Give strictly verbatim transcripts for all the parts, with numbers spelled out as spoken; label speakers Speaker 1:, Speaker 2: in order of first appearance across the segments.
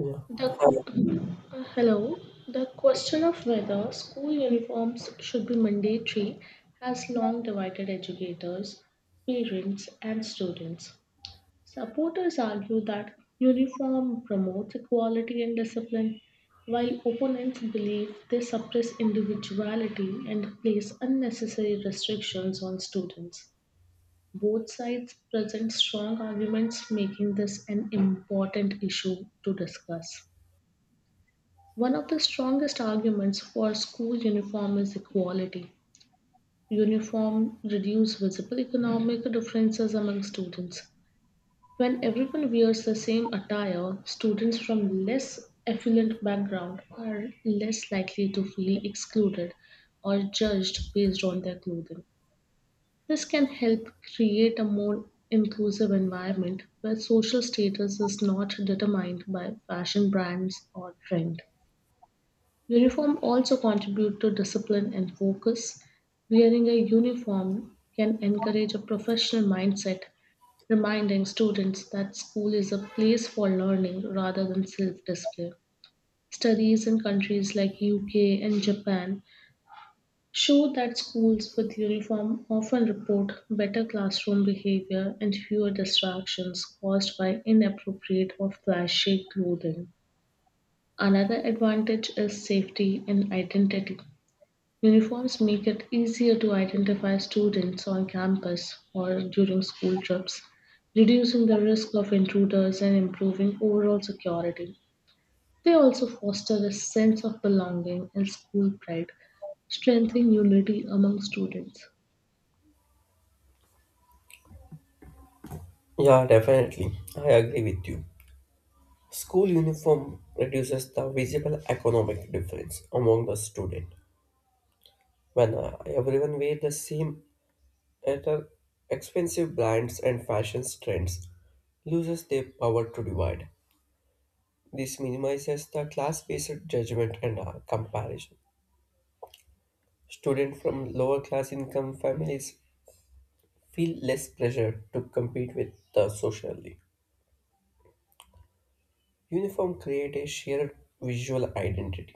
Speaker 1: Yeah.
Speaker 2: The qu- uh, Hello. The question of whether school uniforms should be mandatory has long divided educators, parents, and students. Supporters argue that uniform promotes equality and discipline, while opponents believe they suppress individuality and place unnecessary restrictions on students. Both sides present strong arguments, making this an important issue to discuss. One of the strongest arguments for school uniform is equality. Uniform reduce visible economic differences among students. When everyone wears the same attire, students from less affluent background are less likely to feel excluded or judged based on their clothing. This can help create a more inclusive environment where social status is not determined by fashion brands or trend. Uniform also contribute to discipline and focus. Wearing a uniform can encourage a professional mindset, reminding students that school is a place for learning rather than self-display. Studies in countries like U K and Japan show that schools with uniform often report better classroom behavior and fewer distractions caused by inappropriate or flashy clothing. Another advantage is safety and identity. Uniforms make it easier to identify students on campus or during school trips, reducing the risk of intruders and improving overall security. They also foster a sense of belonging and school pride, strengthening unity among students.
Speaker 1: Yeah, definitely. I agree with you. School uniform reduces the visible economic difference among the student when uh, everyone wear the same at uh, expensive brands and fashion trends loses their power to divide. This minimizes the class-based judgment and uh, comparison. Students from lower class income families feel less pressure to compete with the socially. Uniform create a shared visual identity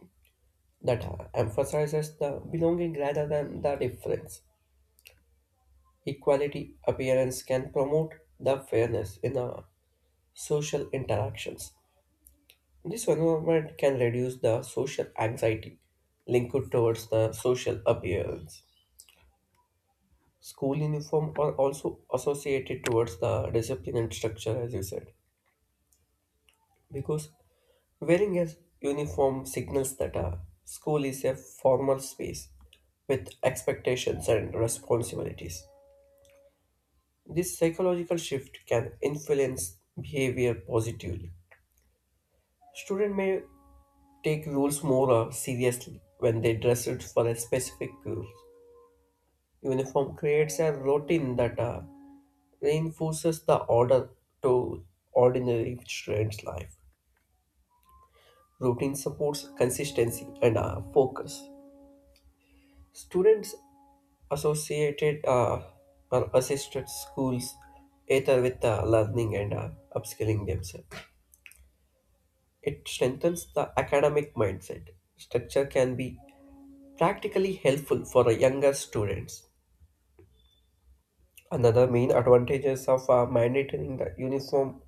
Speaker 1: that emphasizes the belonging rather than the difference. Equality appearance can promote the fairness in the social interactions. This environment can reduce the social anxiety linked towards the social appearance. School uniform are also associated towards the discipline and structure, as you said, because wearing a uniform signals that a school is a formal space with expectations and responsibilities. This psychological shift can influence behavior positively. Students may take rules more uh, seriously when they dress it for a specific rules. Uniform creates a routine that uh, reinforces the order to ordinary students' life. Routine supports consistency and uh, focus. Students associated uh, or assisted schools either with uh, learning and uh, upskilling themselves. It strengthens the academic mindset. Structure can be practically helpful for a younger students. Another main advantages of uh, mandating the uniform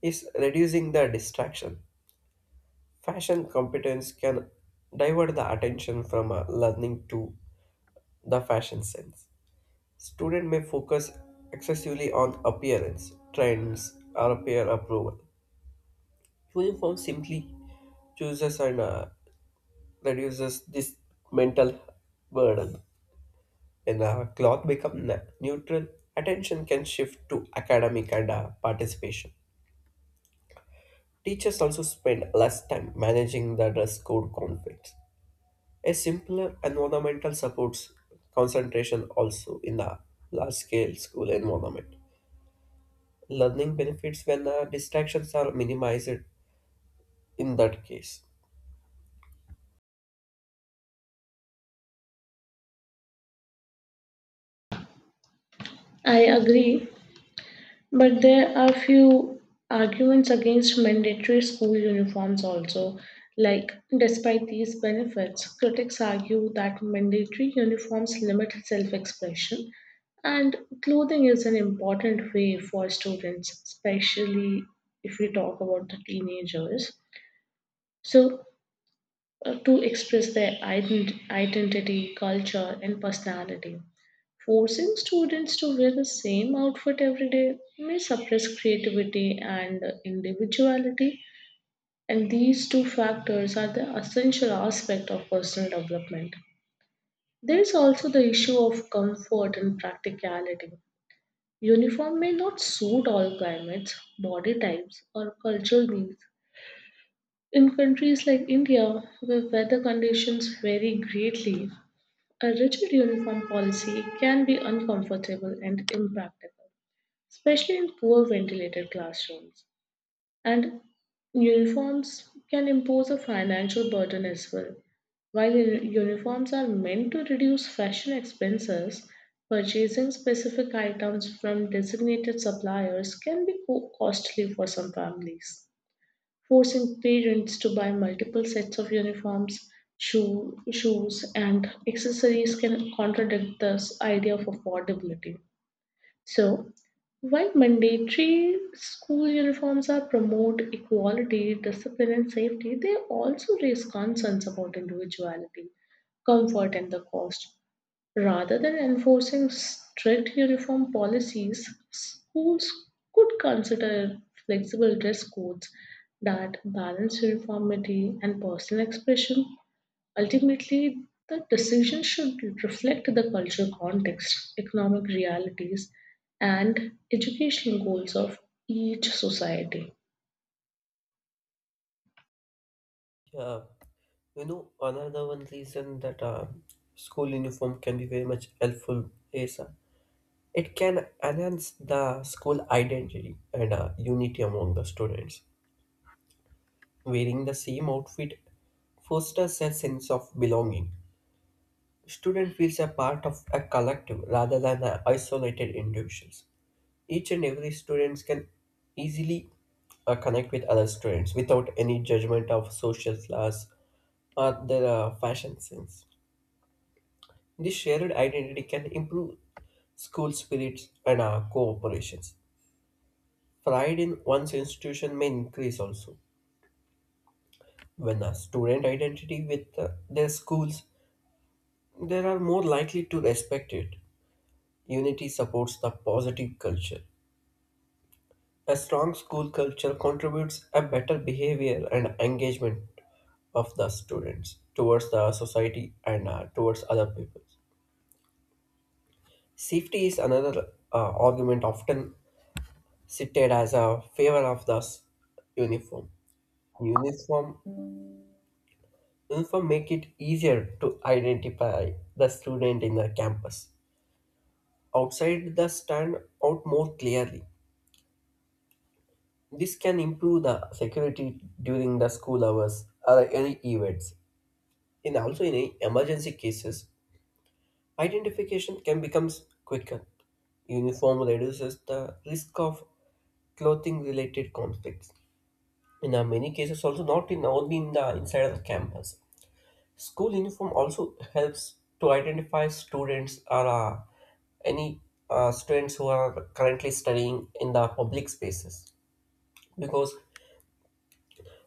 Speaker 1: is reducing the distraction. Fashion competence can divert the attention from uh, learning to the fashion sense. Student may focus excessively on appearance, trends, or peer approval. Uniform simply chooses and uh, reduces this mental burden. When our cloth become na- neutral, attention can shift to academic and uh, participation. Teachers also spend less time managing the dress code conflicts. A simpler environmental supports concentration also in a large scale school environment. Learning benefits when uh, distractions are minimized in that case.
Speaker 2: I agree. But there are few arguments against mandatory school uniforms also. Like, despite these benefits, critics argue that mandatory uniforms limit self expression, and clothing is an important way for students, especially if we talk about the teenagers. So, uh, to express their ident- identity, culture, and personality. Forcing students to wear the same outfit every day may suppress creativity and individuality, and these two factors are the essential aspect of personal development. There is also the issue of comfort and practicality. Uniform may not suit all climates, body types, or cultural needs. In countries like India, where weather conditions vary greatly, a rigid uniform policy can be uncomfortable and impractical, especially in poor ventilated classrooms. And uniforms can impose a financial burden as well. While u- uniforms are meant to reduce fashion expenses, purchasing specific items from designated suppliers can be co- costly for some families forcing parents to buy multiple sets of uniforms, shoe, shoes, and accessories can contradict this idea of affordability. So, while mandatory school uniforms are promote equality, discipline, and safety, they also raise concerns about individuality, comfort, and the cost. Rather than enforcing strict uniform policies, schools could consider flexible dress codes that balance uniformity and personal expression. Ultimately, the decision should reflect the cultural context, economic realities, and educational goals of each society.
Speaker 1: Yeah, you know, another one reason that uh, school uniform can be very much helpful is uh, it can enhance the school identity and uh, unity among the students. Wearing the same outfit fosters a sense of belonging. Student feels a part of a collective rather than a isolated individuals. Each and every students can easily uh, connect with other students without any judgment of social class or their uh, fashion sense. This shared identity can improve school spirits and uh, cooperations. Pride in one's institution may increase also. When a student identity with uh, their schools, they are more likely to respect it. Unity supports the positive culture. A strong school culture contributes a better behavior and engagement of the students towards the society and uh, towards other people. Safety is another uh, argument often cited as a favor of the s- uniform. Uniform Uniform make it easier to identify the student in the campus outside the stand out more clearly. This can improve the security during the school hours or any events, in also in emergency cases, identification can become quicker. Uniform reduces the risk of clothing related conflicts in uh, many cases also, not in only in the inside of the campus. School uniform also helps to identify students or uh, any uh, students who are currently studying in the public spaces, because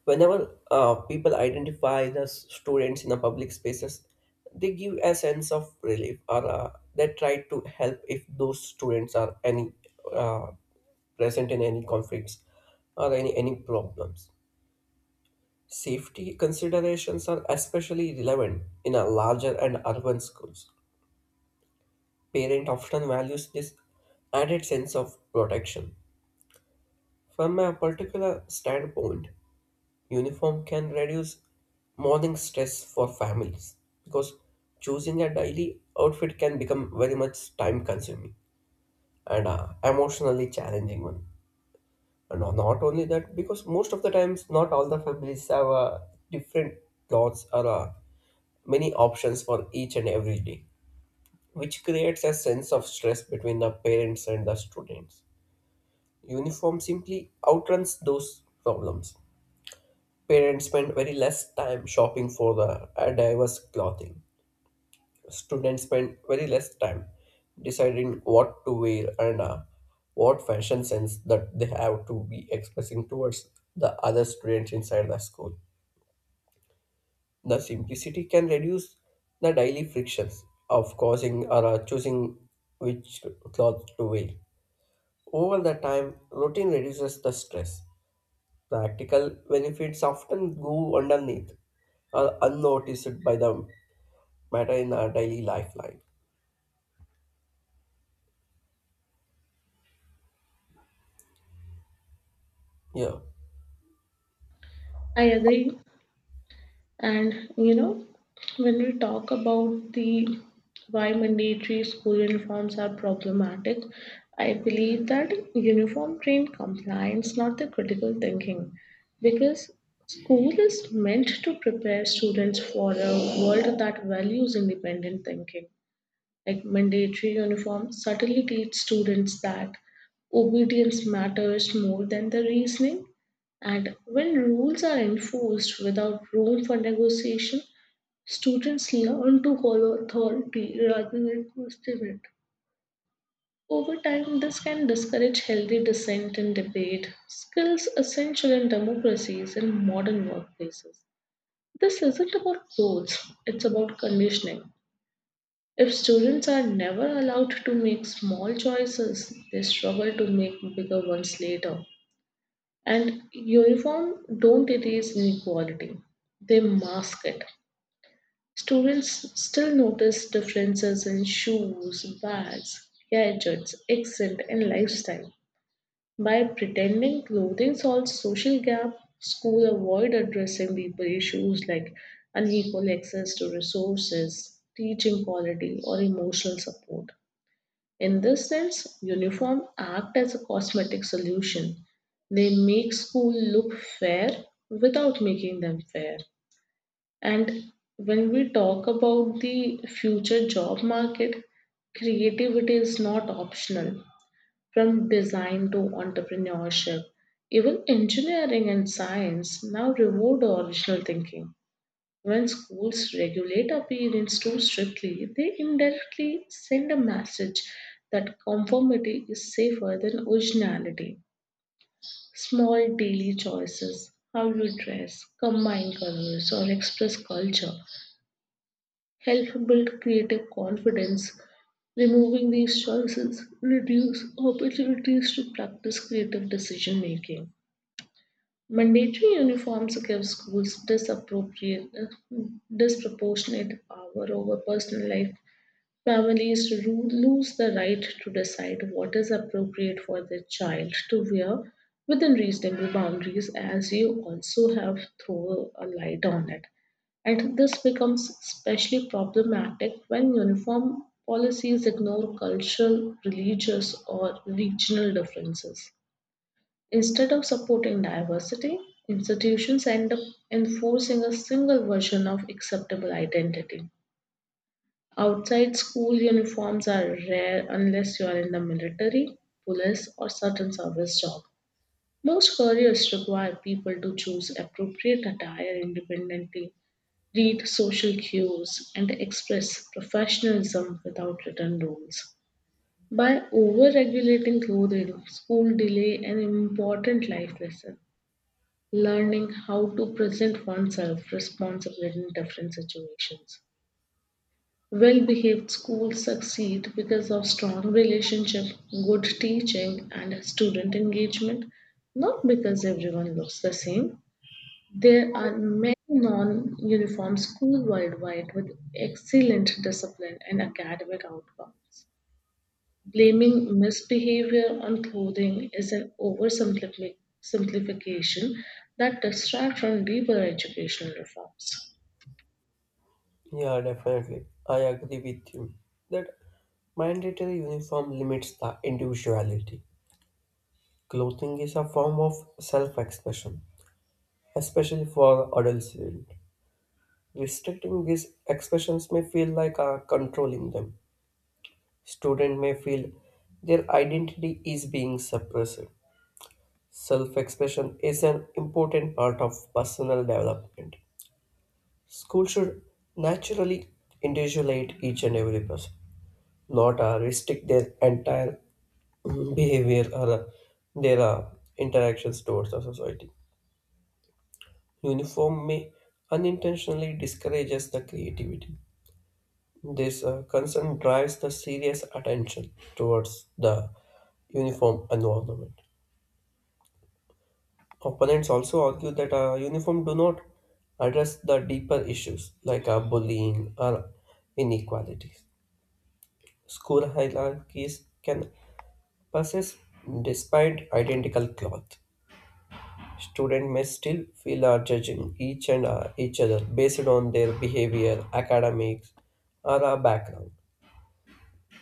Speaker 1: whenever uh, people identify the s- students in the public spaces, they give a sense of relief or uh, they try to help if those students are any uh, present in any conflicts or any, any problems. Safety considerations are especially relevant in a larger and urban schools. Parent often values this added sense of protection. From a particular standpoint, uniform can reduce morning stress for families, because choosing a daily outfit can become very much time consuming and uh, emotionally challenging one. And no- not only that, because most of the times, not all the families have uh, different clothes or uh, many options for each and every day, which creates a sense of stress between the parents and the students. Uniform simply outruns those problems. Parents spend very less time shopping for the uh, diverse clothing. Students spend very less time deciding what to wear and uh, what fashion sense that they have to be expressing towards the other students inside the school. The simplicity can reduce the daily frictions of causing or uh, choosing which cloth to wear. Over the time, routine reduces the stress. Practical benefits often go underneath or unnoticed by the matter in our daily lifeline. Yeah,
Speaker 2: I agree. And you know, when we talk about the why mandatory school uniforms are problematic, I believe that uniform trained compliance, not the critical thinking, because school is meant to prepare students for a world that values independent thinking like mandatory uniform, subtly teach students that obedience matters more than the reasoning. And when rules are enforced without room for negotiation, students learn to follow authority rather than question it. Over time, this can discourage healthy dissent and debate, skills essential in democracies and modern workplaces. This isn't about rules, it's about conditioning. If students are never allowed to make small choices, they struggle to make bigger ones later. And uniform don't erase inequality, they mask it. Students still notice differences in shoes, bags, gadgets, accent, and lifestyle. By pretending clothing solves social gap, school avoid addressing deeper issues like unequal access to resources, teaching quality, or emotional support. In this sense, uniform act as a cosmetic solution. They make school look fair without making them fair. And when we talk about the future job market, creativity is not optional. From design to entrepreneurship, even engineering and science now reward original thinking. When schools regulate appearance too strictly, they indirectly send a message that conformity is safer than originality. Small daily choices, how you dress, combine colors, or express culture, help build creative confidence. Removing these choices reduce opportunities to practice creative decision making. Mandatory uniforms give schools disappropriate, uh, disproportionate power over personal life. Families ru- lose the right to decide what is appropriate for their child to wear within reasonable boundaries, as you also have thrown a light on it. And this becomes especially problematic when uniform policies ignore cultural, religious, or regional differences. Instead of supporting diversity, institutions end up enforcing a single version of acceptable identity. Outside school uniforms are rare unless you are in the military, police, or certain service job. Most careers require people to choose appropriate attire independently, read social cues, and express professionalism without written rules. By over regulating clothing, school delay an important life lesson learning how to present oneself responsibly in different situations. Well behaved schools succeed because of strong relationship, good teaching, and student engagement, not because everyone looks the same. There are many non uniform schools worldwide with excellent discipline and academic outcomes. Blaming misbehavior on clothing is an oversimplification simplification that distracts from deeper educational reforms.
Speaker 1: yeah, definitely. I agree with you that mandatory uniform limits the individuality. Clothing is a form of self expression, especially for adolescents. Restricting these expressions may feel like uh, controlling them. Student may feel their identity is being suppressed. Self expression is an important part of personal development. School should naturally individuate each and every person, not uh, restrict their entire mm, behavior or uh, their uh, interactions towards the society. Uniform may unintentionally discourages the creativity. This uh, concern drives the serious attention towards the uniform environment. Opponents also argue that uh, uniform do not address the deeper issues like uh, bullying or inequalities. School hierarchies can persist despite identical cloth. Students may still feel are judging each and uh, each other based on their behavior, academics, or uh, background.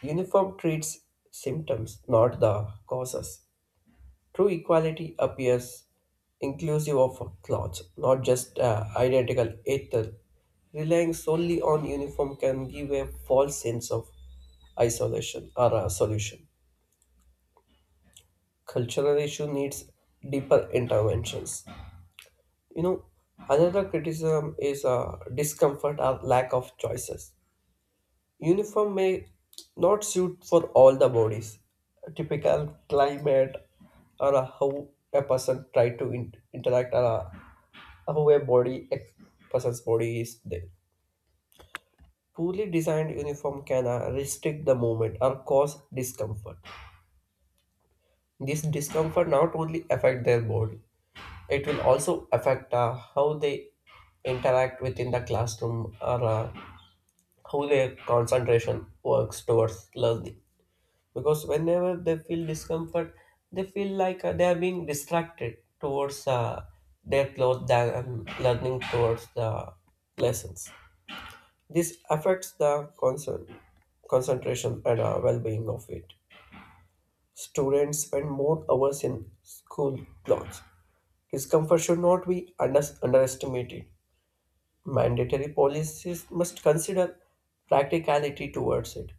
Speaker 1: Uniform treats symptoms, not the causes. True equality appears inclusive of clothes, not just uh, identical ether. Relying solely on uniform can give a false sense of isolation or a solution. Cultural issue needs deeper interventions. You know, another criticism is uh, discomfort or lack of choices. Uniform may not suit for all the bodies. Typical climate or uh, how a person try to in- interact or uh, however, body ex- person's body is there. Poorly designed uniform can uh, restrict the movement or cause discomfort. This discomfort not only affect their body, it will also affect uh, how they interact within the classroom or uh, how their concentration works towards learning. Because whenever they feel discomfort, they feel like uh, they are being distracted towards uh, their clothes than um, learning towards the lessons. This affects the concern, concentration and uh, well-being of it. Students spend more hours in school clothes. Discomfort should not be under- underestimated. Mandatory policies must consider practicality towards it,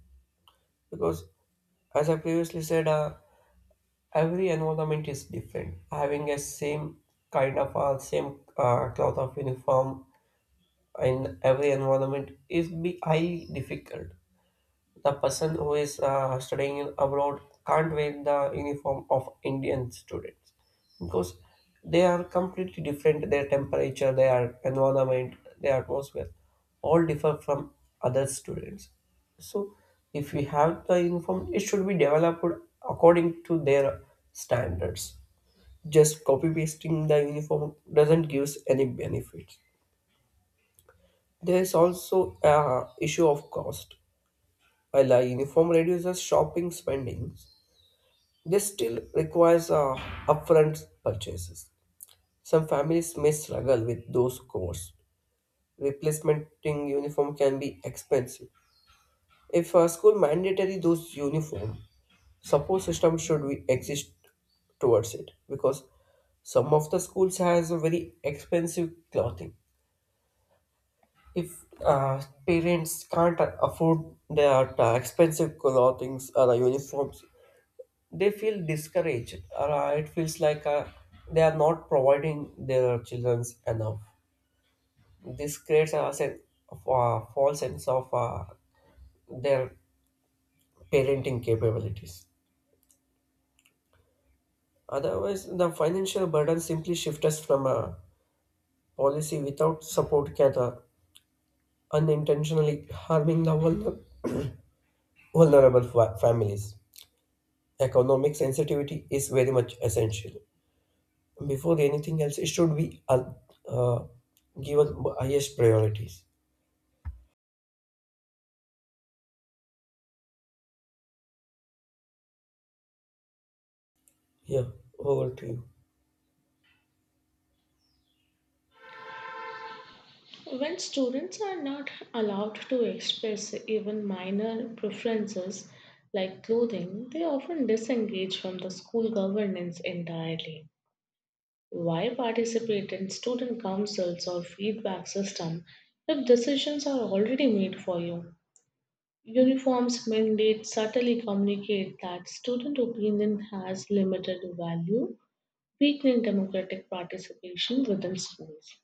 Speaker 1: because, as I previously said, uh, every environment is different. Having a same kind of uh, same uh, cloth of uniform in every environment is be highly difficult. The person who is uh, studying in abroad can't wear the uniform of Indian students because they are completely different. Their temperature, their environment, their atmosphere all differ from other students. So, if we have the uniform, it should be developed according to their standards. Just copy pasting the uniform doesn't give any benefits. There is also a issue of cost. While a uniform reduces shopping spending, this still requires uh, upfront purchases. Some families may struggle with those costs. Replacing uniform can be expensive. If a school mandatory those uniform, support system should we exist towards it, because some of the schools has a very expensive clothing. If uh, parents can't afford their uh, expensive clothings or the uniforms, they feel discouraged or uh, it feels like uh, they are not providing their children enough. This creates a sense of uh, false sense of uh, their parenting capabilities, otherwise the financial burden simply shifts from a policy without support can uh, unintentionally harming the vulner- vulnerable fa- families. Economic sensitivity is very much essential, before anything else, it should be uh, uh, given highest priorities. Yeah, over to you.
Speaker 2: When students are not allowed to express even minor preferences like clothing, they often disengage from the school governance entirely. Why participate in student councils or feedback system if decisions are already made for you? Uniforms mandate subtly communicate that student opinion has limited value, weakening democratic participation within schools.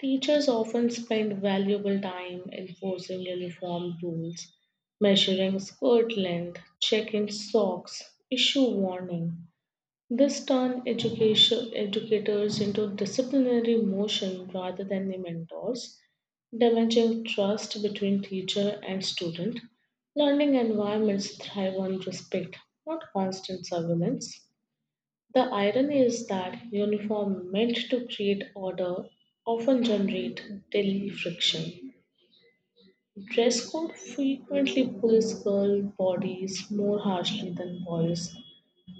Speaker 2: Teachers often spend valuable time enforcing uniform rules, measuring skirt length, checking socks, issue warning, this turned education, educators into disciplinary motion rather than the mentors, damaging trust between teacher and student. Learning environments thrive on respect, not constant surveillance. The irony is that uniform meant to create order often generate daily friction. Dress code frequently pulls girl bodies more harshly than boys.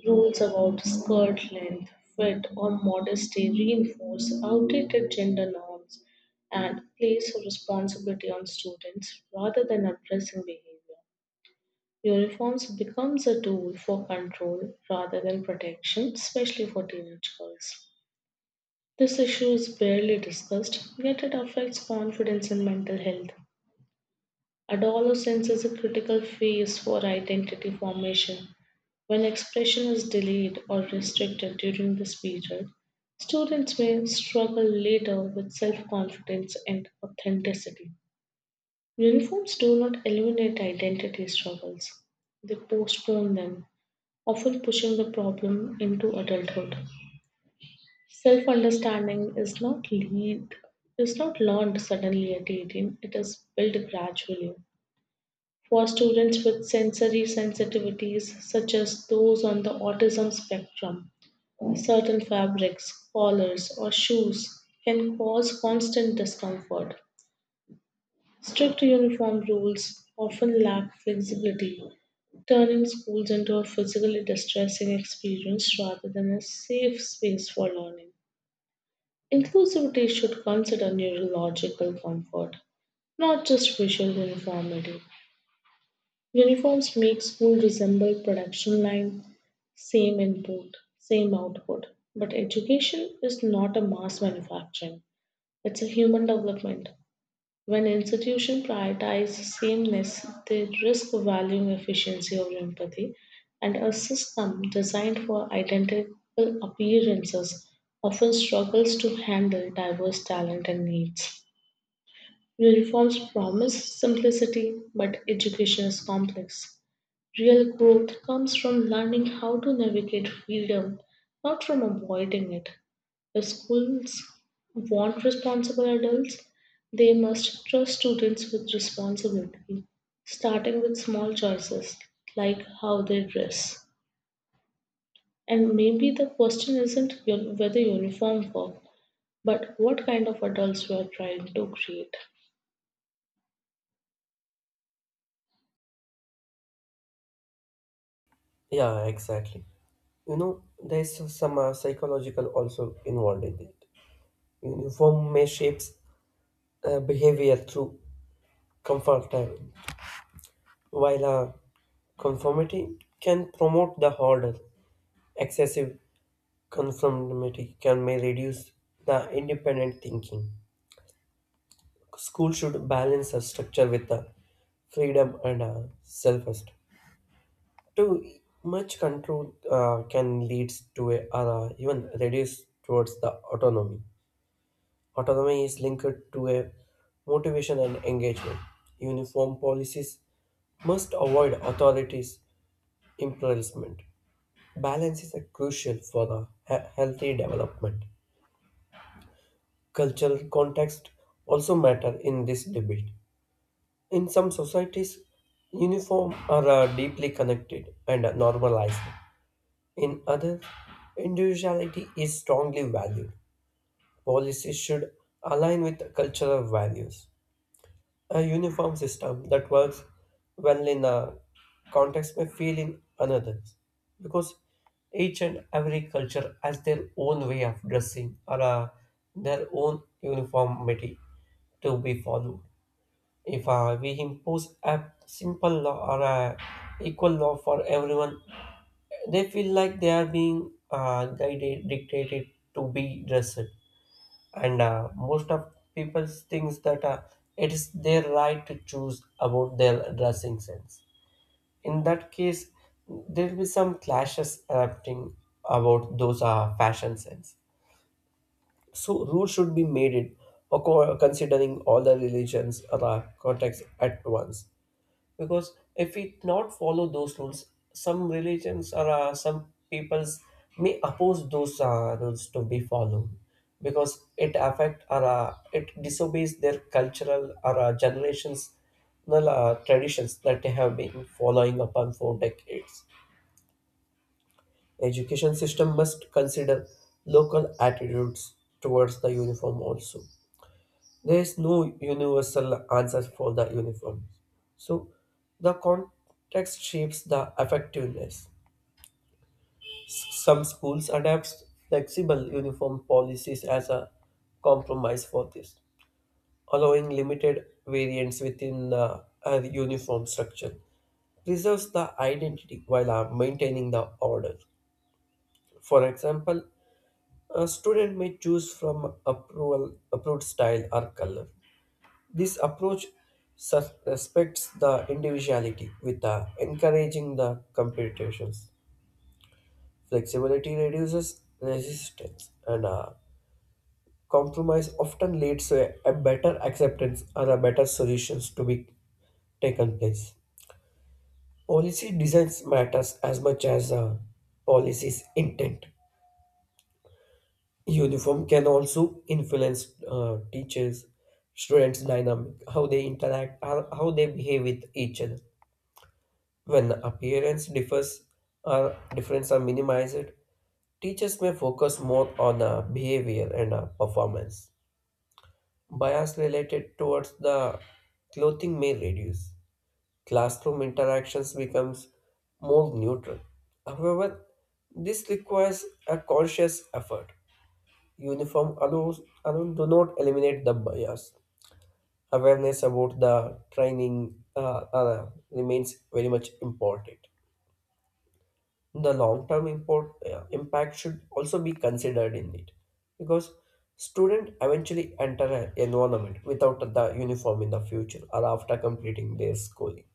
Speaker 2: Rules about skirt length, fit, or modesty reinforce outdated gender norms and place responsibility on students rather than addressing behavior. Uniforms becomes a tool for control rather than protection, especially for teenage girls. This issue is barely discussed, yet it affects confidence and mental health. Adolescence is a critical phase for identity formation. When expression is delayed or restricted during this period, students may struggle later with self confidence and authenticity. Uniforms do not eliminate identity struggles, they postpone them, often pushing the problem into adulthood. Self understanding is not lead is not learned suddenly at eighteen, it is built gradually for students with sensory sensitivities, such as those on the autism spectrum. Certain fabrics, collars, or shoes can cause constant discomfort. Strict uniform rules often lack flexibility, turning schools into a physically distressing experience rather than a safe space for learning. Inclusivity should consider neurological comfort, not just visual uniformity. Uniforms make school resemble production line, same input, same output. But education is not a mass manufacturing. It's a human development. When institutions prioritize sameness, they risk valuing efficiency over empathy, and a system designed for identical appearances often struggles to handle diverse talent and needs. Uniforms promise simplicity, but education is complex. Real growth comes from learning how to navigate freedom, not from avoiding it. If schools want responsible adults, they must trust students with responsibility, starting with small choices like how they dress. And maybe the question isn't uni- whether uniform work, but what kind of adults we are trying to create.
Speaker 1: Yeah, exactly. You know, there's some uh, psychological also involved in it. Uniform may shapes uh, behavior through comfort, uh, while uh, conformity can promote the order. Excessive conformity can may reduce the independent thinking. School should balance a structure with uh, freedom and uh, self-esteem. Too much control uh, can lead to a uh, even reduce towards the autonomy. Autonomy is linked to a motivation and engagement. Uniform policies must avoid authorities' imprisonment. Balance is uh, crucial for the he- healthy development. Cultural context also matter in this debate. In some societies, uniform are uh, deeply connected and normalized. In others, individuality is strongly valued. Policies should align with cultural values. A uniform system that works well in a context may fail in another, because each and every culture has their own way of dressing or uh, their own uniformity to be followed. If uh, we impose a simple law or a equal law for everyone, they feel like they are being uh, guided, dictated to be dressed. And uh, most of people thinks that uh, it is their right to choose about their dressing sense. In that case, there will be some clashes erupting about those uh, fashion sense. So rules should be made it acco- considering all the religions or uh, contexts at once, because if we not follow those rules, some religions or uh, some peoples may oppose those uh, rules to be followed, because it affect or uh, it disobeys their cultural or uh, generations, well, uh, traditions that they have been following upon for decades. Education system must consider local attitudes towards the uniform also. There is no universal answer for the uniform. So the context shapes the effectiveness. Some schools adapt flexible uniform policies as a compromise for this, allowing limited variance within the uh, uniform structure. Preserves the identity while uh, maintaining the order. For example, a student may choose from approval, approved style or color. This approach sus- uh, respects the individuality with the encouraging the competitions. Flexibility reduces resistance and uh, compromise often leads to a, a better acceptance and a better solutions to be taken place. Policy designs matters as much as uh, policy's intent. Uniform can also influence uh, teachers, students' dynamic, how they interact, how how they behave with each other. When appearance differs or difference are minimized, teachers may focus more on uh, behavior and uh, performance. Bias related towards the clothing may reduce. Classroom interactions becomes more neutral. However, this requires a conscious effort. Uniform allows alone do not eliminate the bias. Awareness about the training uh, uh, remains very much important. The long-term import, uh, impact should also be considered in it, because student eventually enter an environment without the uniform in the future or after completing their schooling.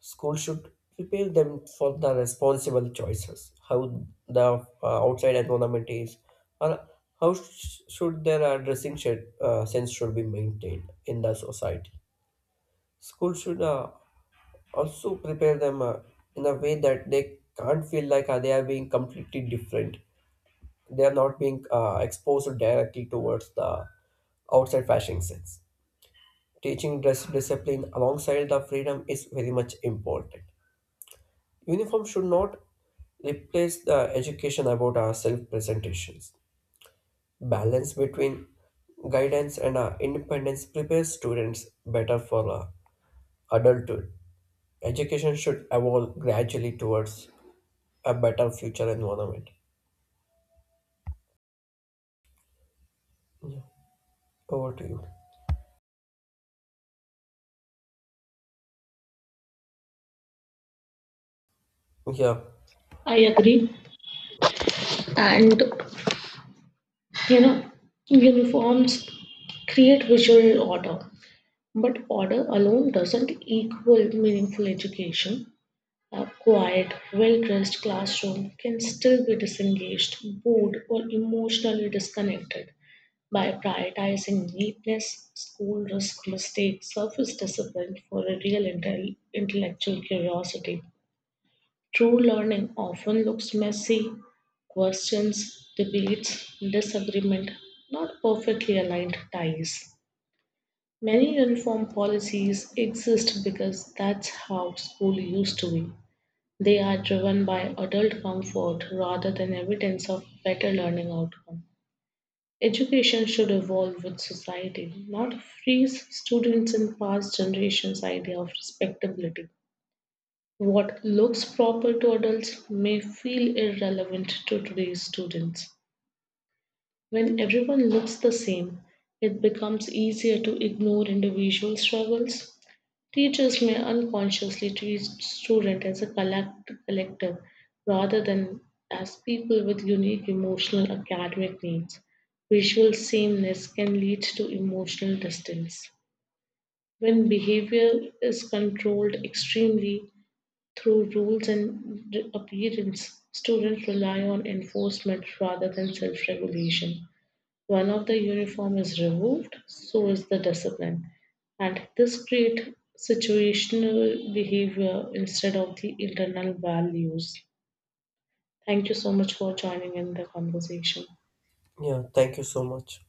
Speaker 1: School should prepare them for the responsible choices, how the uh, outside environment is, or how sh- should their uh, dressing shed, uh, sense should be maintained in the society. School should uh, also prepare them uh, in a way that they can't feel like uh, they are being completely different. They are not being uh, exposed directly towards the outside fashion sense. Teaching dress discipline alongside the freedom is very much important. Uniform should not replace the education about our self presentations. Balance between guidance and uh, independence prepares students better for uh, adulthood. Education should evolve gradually towards a better future environment. Yeah. Over to you. Yeah.
Speaker 2: I agree. And you know, uniforms create visual order. But order alone doesn't equal meaningful education. A quiet, well dressed classroom can still be disengaged, bored, or emotionally disconnected. By prioritizing neatness, school risk mistakes, surface discipline for a real intel- intellectual curiosity. True learning often looks messy, questions, debates, disagreement, not perfectly aligned ties. Many uniform policies exist because that's how school used to be. They are driven by adult comfort rather than evidence of better learning outcome. Education should evolve with society, not freeze students in past generations' idea of respectability. What looks proper to adults may feel irrelevant to today's students. When everyone looks the same, it becomes easier to ignore individual struggles. Teachers may unconsciously treat students as a collect- collective rather than as people with unique emotional academic needs. Visual sameness can lead to emotional distance. When behavior is controlled extremely through rules and re- appearance, students rely on enforcement rather than self regulation. One of the uniform is removed, so is the discipline. And this creates situational behavior instead of the internal values. Thank you so much for joining in the conversation.
Speaker 1: Yeah. Thank you so much.